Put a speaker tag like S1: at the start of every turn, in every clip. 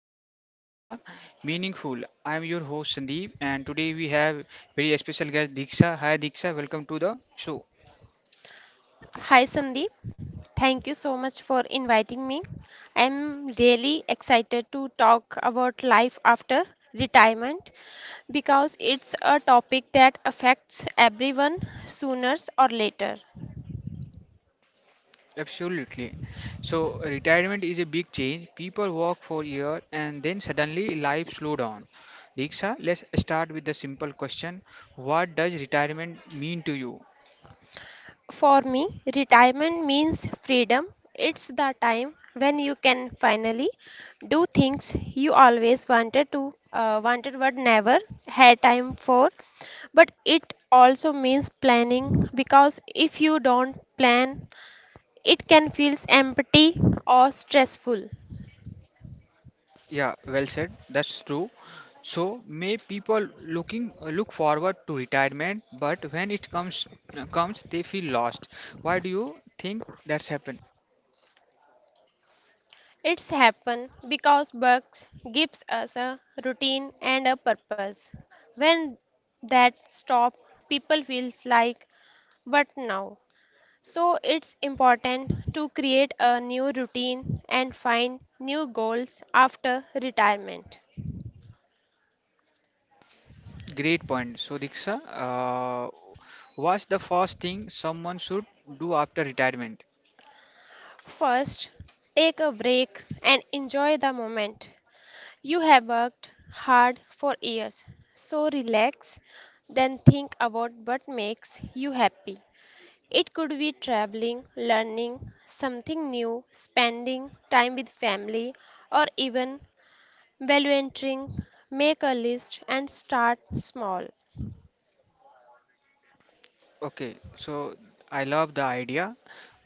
S1: how to make the meaningful. I am your host Sandeep, and today we have very special guest Diksha. Hi Diksha, welcome to the show.
S2: Hi Sandeep, thank you so much for inviting me. I'm really excited to talk about life after retirement because it's a topic that affects everyone sooner or later.
S1: Absolutely. So retirement is a big change. People work for years and then suddenly life slow down. Diksha, let's start with the simple question: what does retirement mean to you?
S2: For me, retirement means freedom. It's the time when you can finally do things you always wanted but never had time for. But it also means planning because if you don't plan, it can feel empty or stressful.
S1: Yeah, well said. That's true. So may people look forward to retirement, but when it comes they feel lost. Why do you think that's happened?
S2: It's happen because works gives us a routine and a purpose. When that stop, people feels like but now? So it's important to create a new routine and find new goals after retirement.
S1: Great point. So Diksha, what's the first thing someone should do after retirement?
S2: First, take a break and enjoy the moment. You have worked hard for years, so relax, then think about what makes you happy. It could be traveling, learning something new, spending time with family, or even volunteering. Make a list and start small.
S1: Okay, so I love the idea.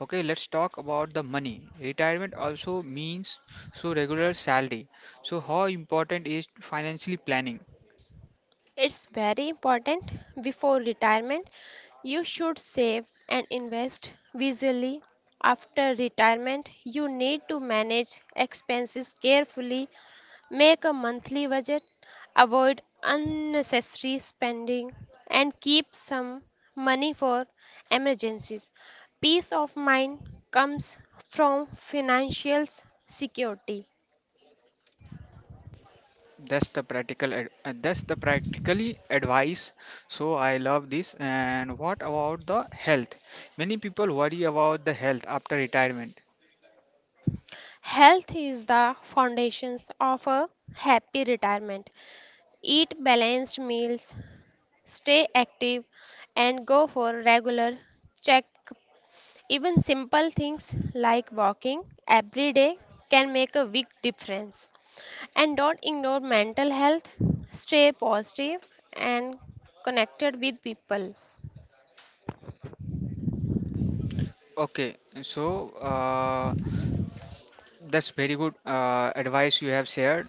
S1: Okay, let's talk about the money. Retirement also means so regular salary. So how important is financially planning?
S2: It's very important. Before retirement, you should save and invest visually. After retirement, you need to manage expenses carefully, make a monthly budget, avoid unnecessary spending, and keep some money for emergencies. Peace of mind comes from financial security.
S1: That's the practically advice. So I love this. And what about the health? Many people worry about the health after retirement.
S2: Health is the foundations of a happy retirement. Eat balanced meals, stay active, and go for regular check. Even simple things like walking every day can make a big difference. And don't ignore mental health. Stay positive and connected with people.
S1: Okay, so that's very good advice you have shared.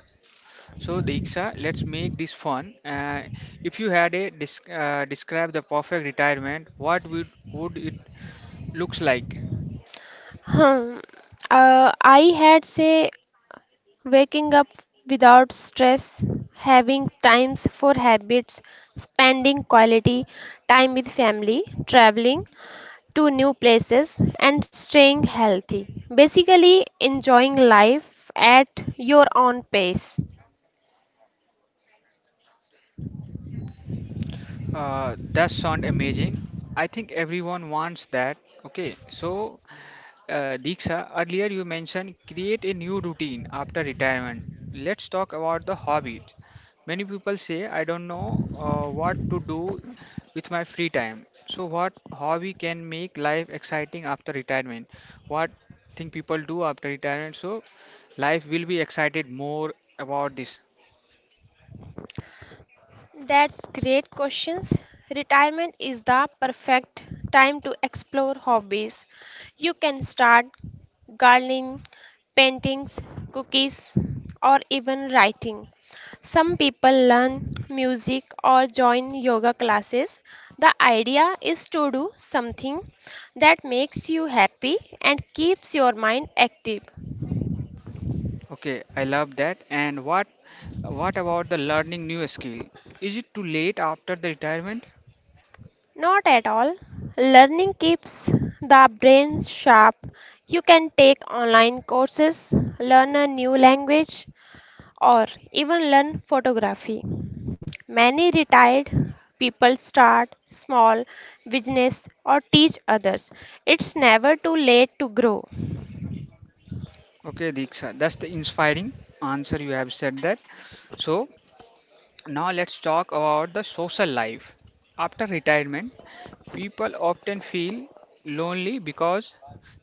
S1: So Diksha, let's make this fun. If you had a describe the perfect retirement, what would it looks like?
S2: Hmm. I had say waking up without stress, having times for habits, spending quality time with family, traveling, to new places and staying healthy. Basically, enjoying life at your own pace.
S1: That sound amazing. I think everyone wants that. Okay, so Diksha, earlier you mentioned create a new routine after retirement. Let's talk about the hobbies. Many people say, I don't know what to do with my free time. So, what hobby can make life exciting after retirement? What think people do after retirement? So, life will be excited more about this.
S2: That's great questions. Retirement is the perfect time to explore hobbies. You can start gardening, paintings, cookies, or even writing. Some people learn music or join yoga classes. The idea is to do something that makes you happy and keeps your mind active.
S1: Okay, I love that. And what about the learning new skill? Is it too late after the retirement?
S2: Not at all. Learning keeps the brain sharp. You can take online courses, learn a new language, or even learn photography. Many retired people start small business or teach others. It's never too late to grow.
S1: Okay, Diksha, that's the inspiring answer you have said that. So now let's talk about the social life. After retirement, people often feel lonely because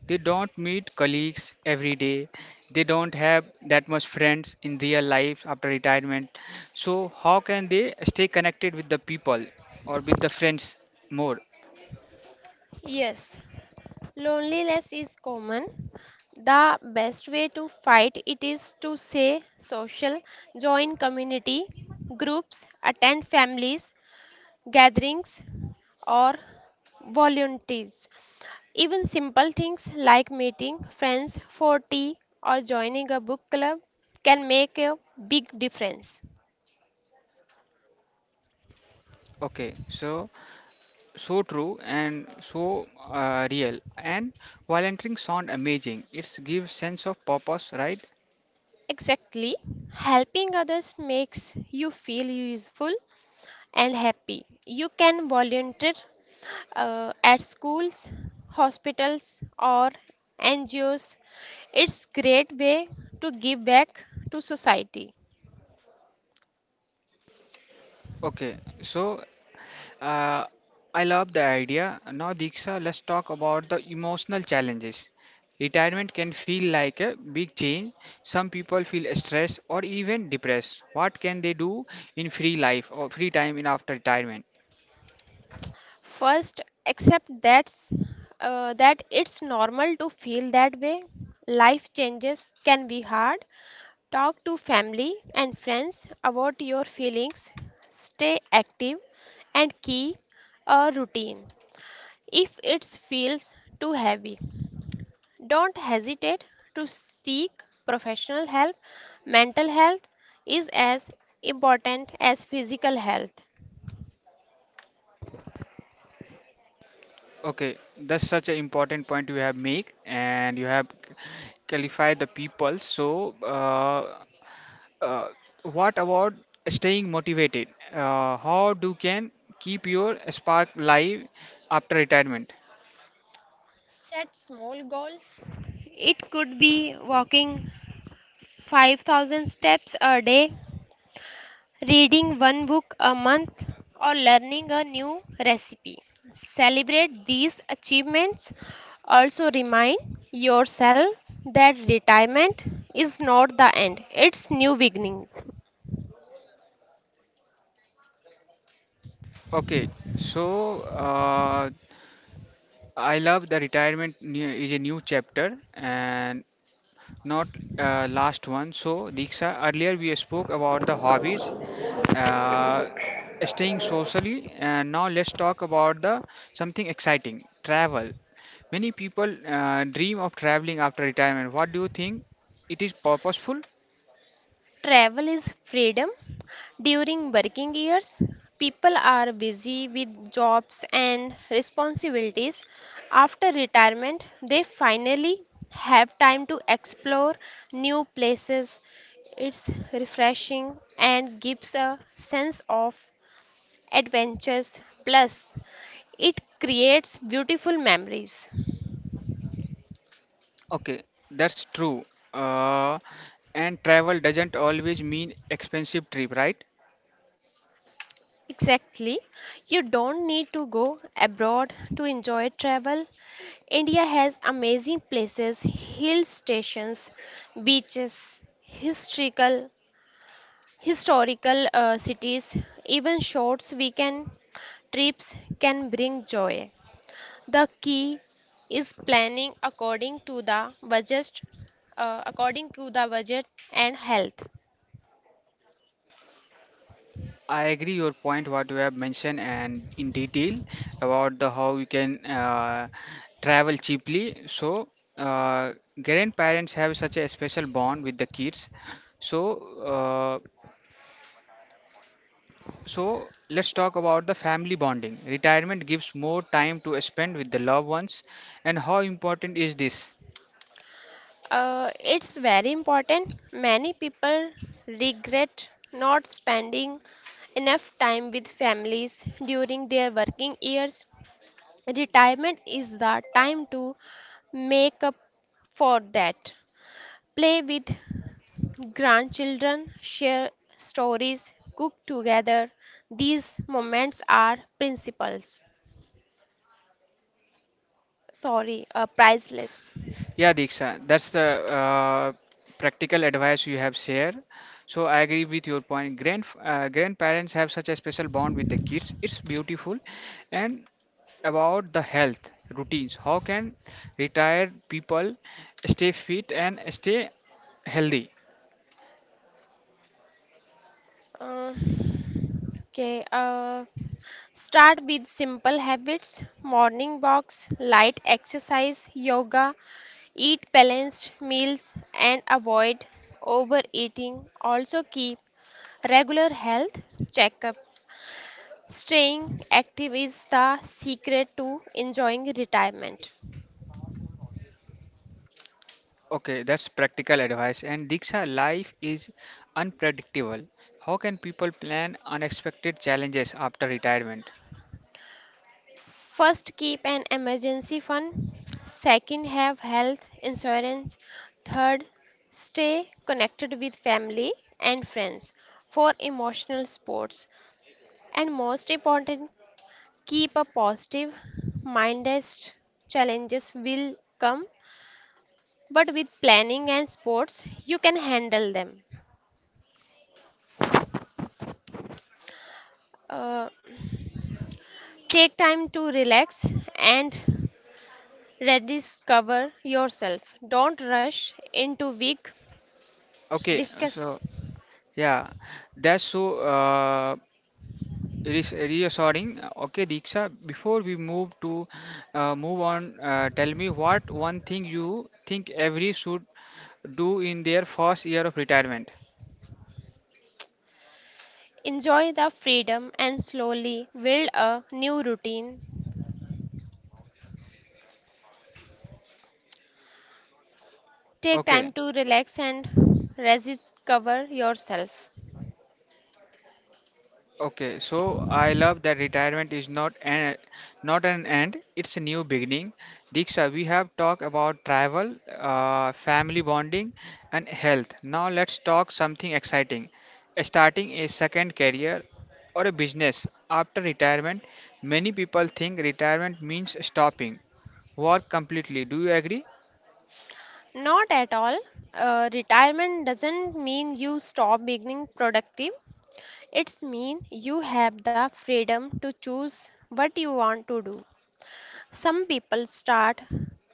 S1: they don't meet colleagues every day. They don't have that much friends in real life after retirement. So how can they stay connected with the people or with the friends more?
S2: Yes, loneliness is common. The best way to fight it is to say social, join community groups, attend families, gatherings, or volunteers. Even simple things like meeting friends for tea or joining a book club can make a big difference.
S1: Okay, so so true and so real, and volunteering sound amazing. It gives sense of purpose, right?
S2: Exactly. Helping others makes you feel useful and happy. You can volunteer at schools, hospitals, or NGOs. It's great way to give back to society.
S1: Okay, so uh, I love the idea. Now Diksha, let's talk about the emotional challenges. Retirement can feel like a big change. Some people feel stressed or even depressed. What can they do in free life or free time in after retirement?
S2: First, accept that it's normal to feel that way. Life changes can be hard. Talk to family and friends about your feelings. Stay active and keep a routine if it feels too heavy. Don't hesitate to seek professional help. Mental health is as important as physical health.
S1: Okay, that's such an important point you have made, and you have clarified the people. So, uh, what about staying motivated? How do can keep your spark live after retirement?
S2: Set small goals. It could be walking 5,000 steps a day, reading one book a month, or learning a new recipe. Celebrate these achievements. Also, remind yourself that retirement is not the end, it's new beginning.
S1: Okay, so I love the retirement new, is a new chapter and not last one. So, Diksha, earlier we spoke about the hobbies, uh, staying socially, and now let's talk about the something exciting: travel. Many people dream of traveling after retirement. What do you think, it is purposeful?
S2: Travel is freedom. During working years, people are busy with jobs and responsibilities. After retirement, they finally have time to explore new places. It's refreshing and gives a sense of adventures. Plus, it creates beautiful memories.
S1: Okay, that's true. uh, and travel doesn't always mean expensive trip, right?
S2: Exactly. You don't need to go abroad to enjoy travel. India has amazing places, hill stations, beaches, historical historical cities, even short weekend trips can bring joy. The key is planning according to the budget and health.
S1: I agree your point what you have mentioned and in detail about the how you can travel cheaply. So uh, grandparents have such a special bond with the kids. So uh, so let's talk about the family bonding. Retirement gives more time to spend with the loved ones, and how important is this?
S2: It's very important. Many people regret not spending enough time with families during their working years. Retirement is the time to make up for that. Play with grandchildren, share stories, cook together. These moments are principles. Sorry, priceless.
S1: Yeah, Diksha, that's the uh, practical advice you have shared. So I agree with your point. Grandparents have such a special bond with the kids. It's beautiful. And about the health routines, how can retired people stay fit and stay healthy?
S2: Uh, okay, uh, Start with simple habits, morning walks, light exercise, yoga, eat balanced meals, and avoid overeating. Also, keep regular health checkup. Staying active is the secret to enjoying retirement.
S1: Okay, that's practical advice. And Diksha, life is unpredictable. How can people plan unexpected challenges after retirement?
S2: First, keep an emergency fund. Second, have health insurance. Third, stay connected with family and friends for emotional sports. And most important, keep a positive mind as challenges will come, but with planning and sports, you can handle them. Uh, take time to relax and rediscover yourself. Don't rush into big
S1: Okay,
S2: discuss.
S1: so yeah, that's so. Reassuring. Okay, Diksha, before we move on, tell me what one thing you think every should do in their first year of retirement.
S2: Enjoy the freedom and slowly build a new routine. Take
S1: Okay.
S2: time to relax and rediscover yourself.
S1: Okay, so I love that retirement is not an end; it's a new beginning. Diksha, we have talked about travel, family bonding, and health. Now let's talk something exciting: starting a second career or a business after retirement. Many people think retirement means stopping work completely. Do you agree?
S2: Not at all. Retirement doesn't mean you stop being productive. It's mean you have the freedom to choose what you want to do. Some people start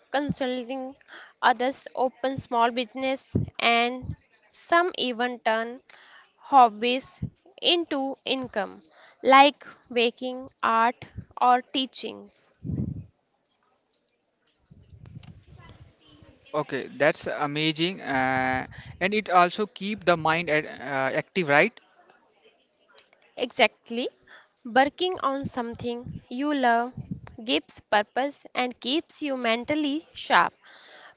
S2: consulting, others open small business, and some even turn hobbies into income, like baking, art, or teaching.
S1: Okay, that's amazing, and it also keep the mind at, active, right?
S2: Exactly, working on something you love gives purpose and keeps you mentally sharp.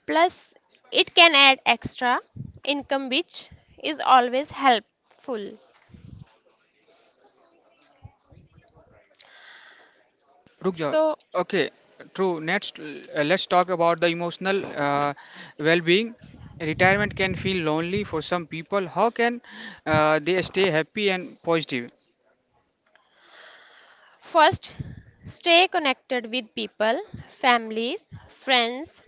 S2: Plus, it can add extra income, which is always helpful.
S1: Rukja.
S2: So,
S1: Okay, true. Next, let's talk about the emotional well-being. Retirement can feel lonely for some people. How can they stay happy and positive?
S2: first, stay connected with people, families, friends,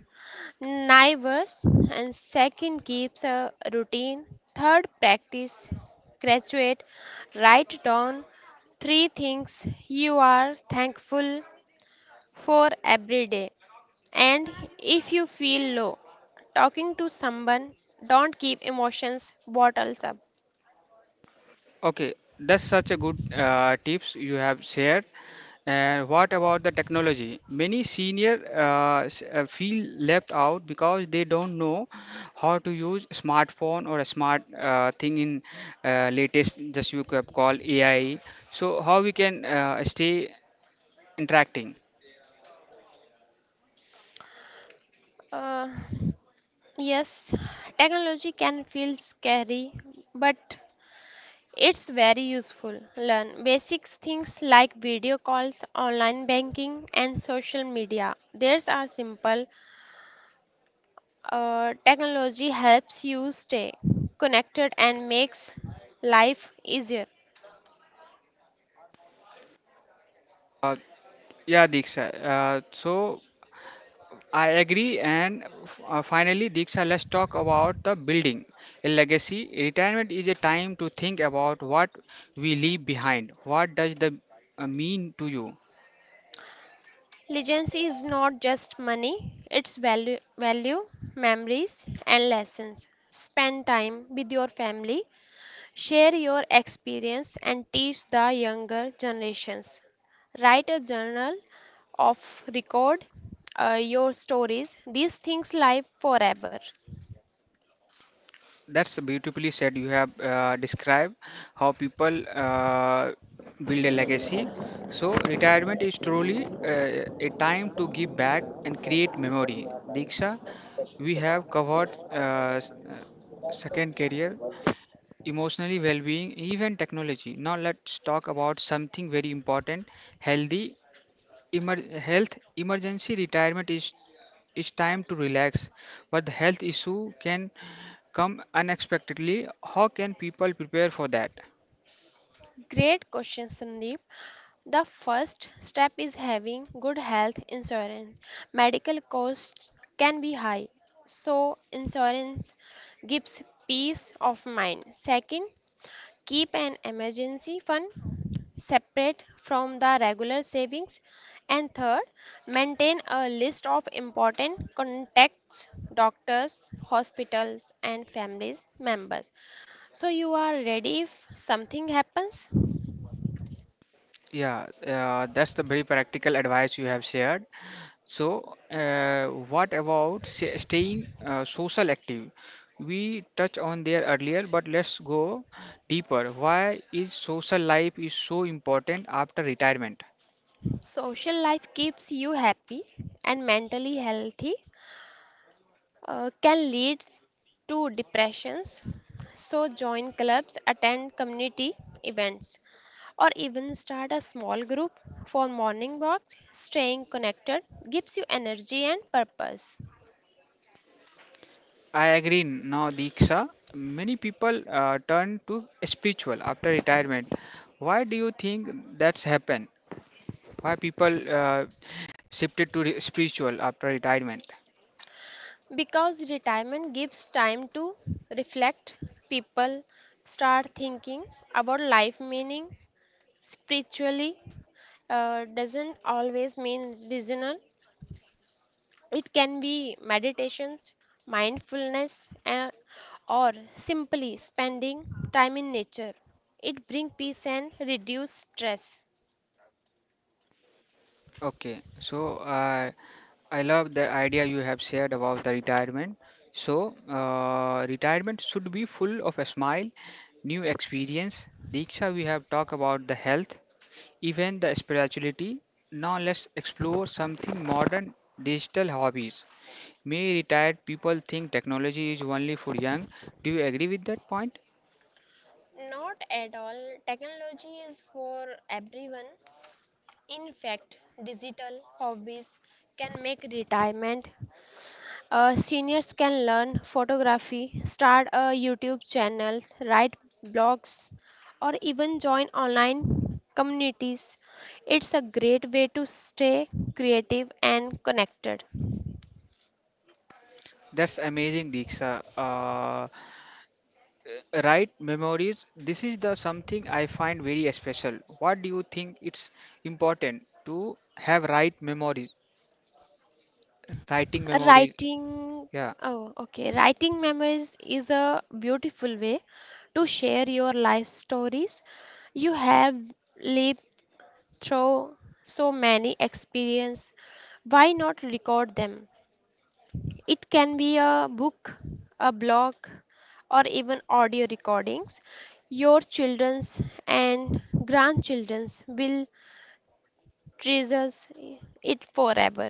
S2: neighbors, and second, keeps a routine. Third, practice, graduate, write down three things you are thankful for every day. And if you feel low, talking to someone, don't keep emotions bottles up.
S1: Okay, that's such a good tips you have shared. And what about the technology? Many feel left out because they don't know how to use smartphone or a smart thing in latest just you call AI. So how we can stay interacting?
S2: Uh, yes, Technology can feel scary, but it's very useful. Learn basic things like video calls, online banking, and social media. These are simple. Technology helps you stay connected and makes life easier.
S1: Uh, yeah, Diksha. So I agree. And finally, Diksha, let's talk about the building a legacy. Retirement is a time to think about what we leave behind. What does the mean to you?
S2: Legacy is not just money, it's value, value, memories, and lessons. Spend time with your family. Share your experience and teach the younger generations. Write a journal of record your stories. These things live forever.
S1: That's beautifully said. You have described how people build a legacy. So, retirement is truly a time to give back and create memory. Diksha, we have covered s- uh, second career, emotionally well-being, even technology. Now let's talk about something very important: healthy health emergency. Retirement is time to relax, but the health issue can come unexpectedly. How can people prepare for that?
S2: Great question, Sandeep. The first step is having good health insurance. Medical costs can be high, so insurance gives peace of mind. Second, keep an emergency fund separate from the regular savings. And third, maintain a list of important contacts, doctors, hospitals, and family members. So you are ready if something happens.
S1: Yeah, that's the very practical advice you have shared. So, what about staying social active? We touched on there earlier, but let's go deeper. Why is social life is so important after retirement?
S2: Social life keeps you happy and mentally healthy, can lead to depressions. So, join clubs, attend community events, or even start a small group for morning walks. Staying connected gives you energy and purpose.
S1: I agree now, Diksha. Many people turn to spiritual after retirement. Why do you think that's happened? Why people shifted to spiritual after retirement?
S2: Because retirement gives time to reflect, people start thinking about life meaning spiritually, doesn't always mean regional. It can be meditations, mindfulness, or simply spending time in nature. It brings peace and reduce stress.
S1: Okay, so I love the idea you have shared about the retirement. So, retirement should be full of a smile, new experience. Diksha, we have talked about the health, even the spirituality. Now, let's explore something modern: digital hobbies. May retired people think technology is only for young. Do you agree with that point?
S2: Not at all. Technology is for everyone. In fact, digital hobbies can make retirement. Seniors can learn photography, start a YouTube channel, write blogs, or even join online communities. It's a great way to stay creative and connected.
S1: That's amazing, Diksha. Right memories. This is the something I find very special. What do you think it's important to have right memories, writing memories?
S2: Writing,
S1: Yeah.
S2: oh, okay, writing memories is a beautiful way to share your life stories. You have lived through so many experiences. Why not record them? It can be a book, a blog, or even audio recordings. Your children's and grandchildren's will treasure it forever.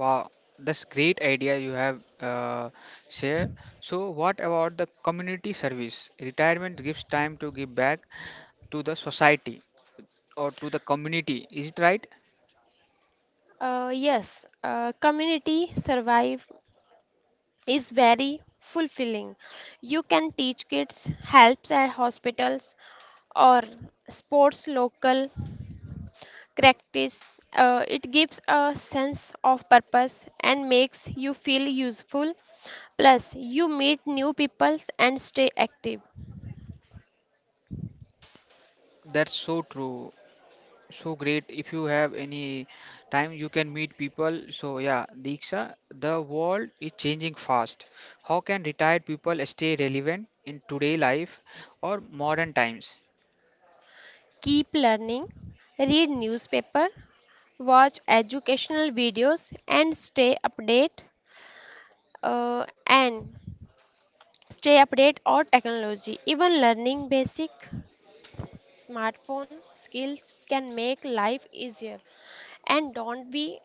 S1: Wow, that's great idea you have shared. So, what about the community service? Retirement gives time to give back to the society or to the community. Is it right?
S2: Yes, Community survive is very fulfilling. You can teach kids helps at hospitals or sports local practice. It gives a sense of purpose and makes you feel useful. Plus, you meet new people and stay active.
S1: That's so true. So great. If you have any time, you can meet people. So yeah, Diksha, the world is changing fast. How can retired people stay relevant in today life or modern times?
S2: Keep learning, read newspaper, watch educational videos and stay update, and stay update or technology. Even learning basic smartphone skills can make life easier and don't be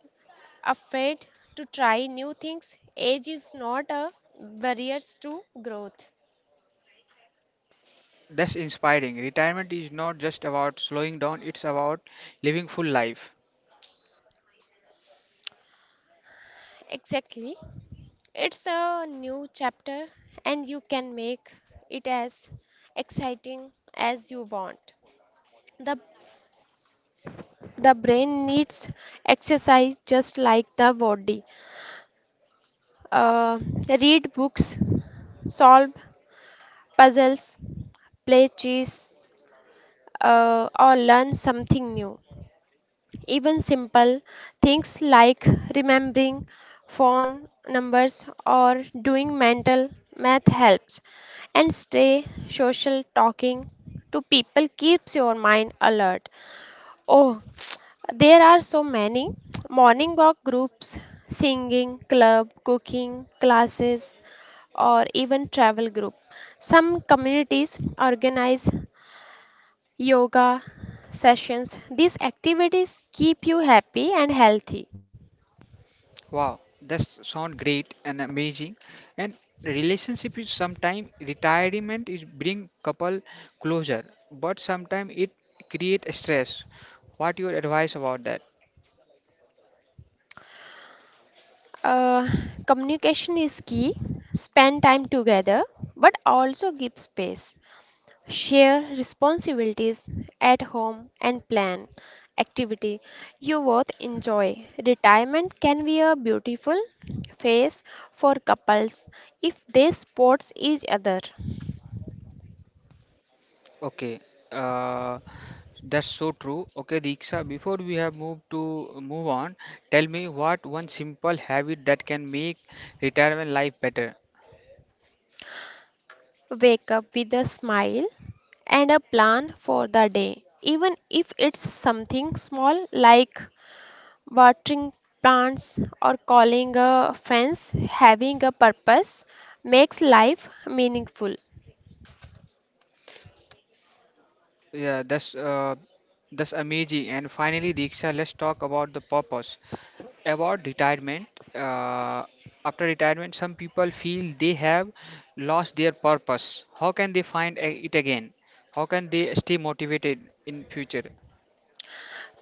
S2: afraid to try new things. Age is not a barrier to growth.
S1: That's inspiring. Retirement is not just about slowing down, it's about living full life.
S2: Exactly. It's a new chapter and you can make it as exciting as you want. The the brain needs exercise just like the body. Uh, read books, solve puzzles, play chess, or learn something new. Even simple things like remembering phone numbers or doing mental math helps. And stay social talking to people keeps your mind alert. Oh, there are so many morning walk groups, singing club, cooking classes, or even travel group. Some communities organize yoga sessions. These activities keep you happy and healthy.
S1: Wow, that sound great and amazing. And relationship is sometimes retirement is bring couple closer, but sometimes it create stress. What your advice about that?
S2: Uh, communication is key. Spend time together, but also give space. Share responsibilities at home and plan activity you both enjoy. Retirement can be a beautiful phase for couples if they support each other.
S1: Okay, uh, that's so true. Okay, Diksha, before we have moved to move on, tell me what one simple habit that can make retirement life better.
S2: Wake up with a smile and a plan for the day, even if it's something small like watering plants or calling a friends. Having a purpose makes life meaningful.
S1: Yeah, that's amazing. And finally, Diksha, let's talk about the purpose about retirement. Uh, after retirement, some people feel they have lost their purpose. How can they find it again? How can they stay motivated in future?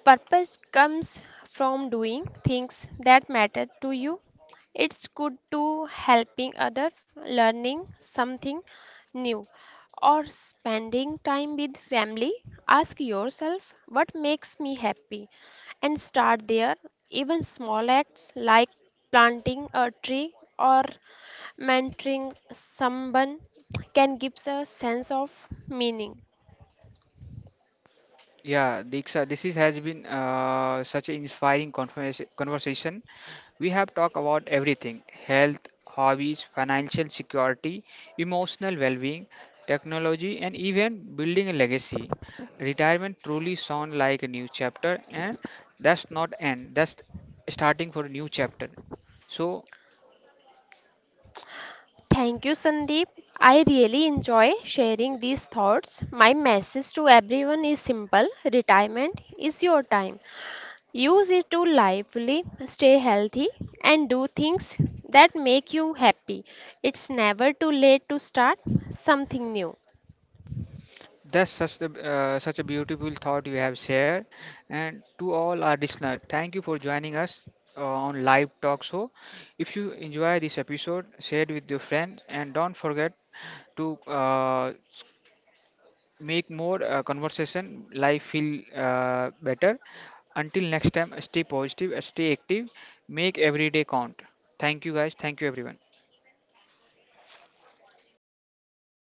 S2: Purpose comes from doing things that matter to you. It's good to helping others, learning something new, or spending time with family. Ask yourself what makes me happy and start there. Even small acts like planting a tree or mentoring someone can give us a sense of meaning.
S1: Yeah, Diksha, this is, has been such an inspiring conversation. We have talked about everything: health, hobbies, financial security, emotional well being, technology, and even building a legacy. Retirement truly sounds like a new chapter, and that's not end, that's starting for a new chapter. So,
S2: Thank you, Sandeep. I really enjoy sharing these thoughts. My message to everyone is simple retirement is your time. Use it to lively, stay healthy, and do things that make you happy. It's never too late to start something new.
S1: that's such a, such a beautiful thought you have shared. And to all our listeners, thank you for joining us on Live Talk Show. If you enjoy this episode, share it with your friends and don't forget to make more conversation life feel better. Until next time, stay positive, stay active, make every day count. Thank you guys. Thank you everyone.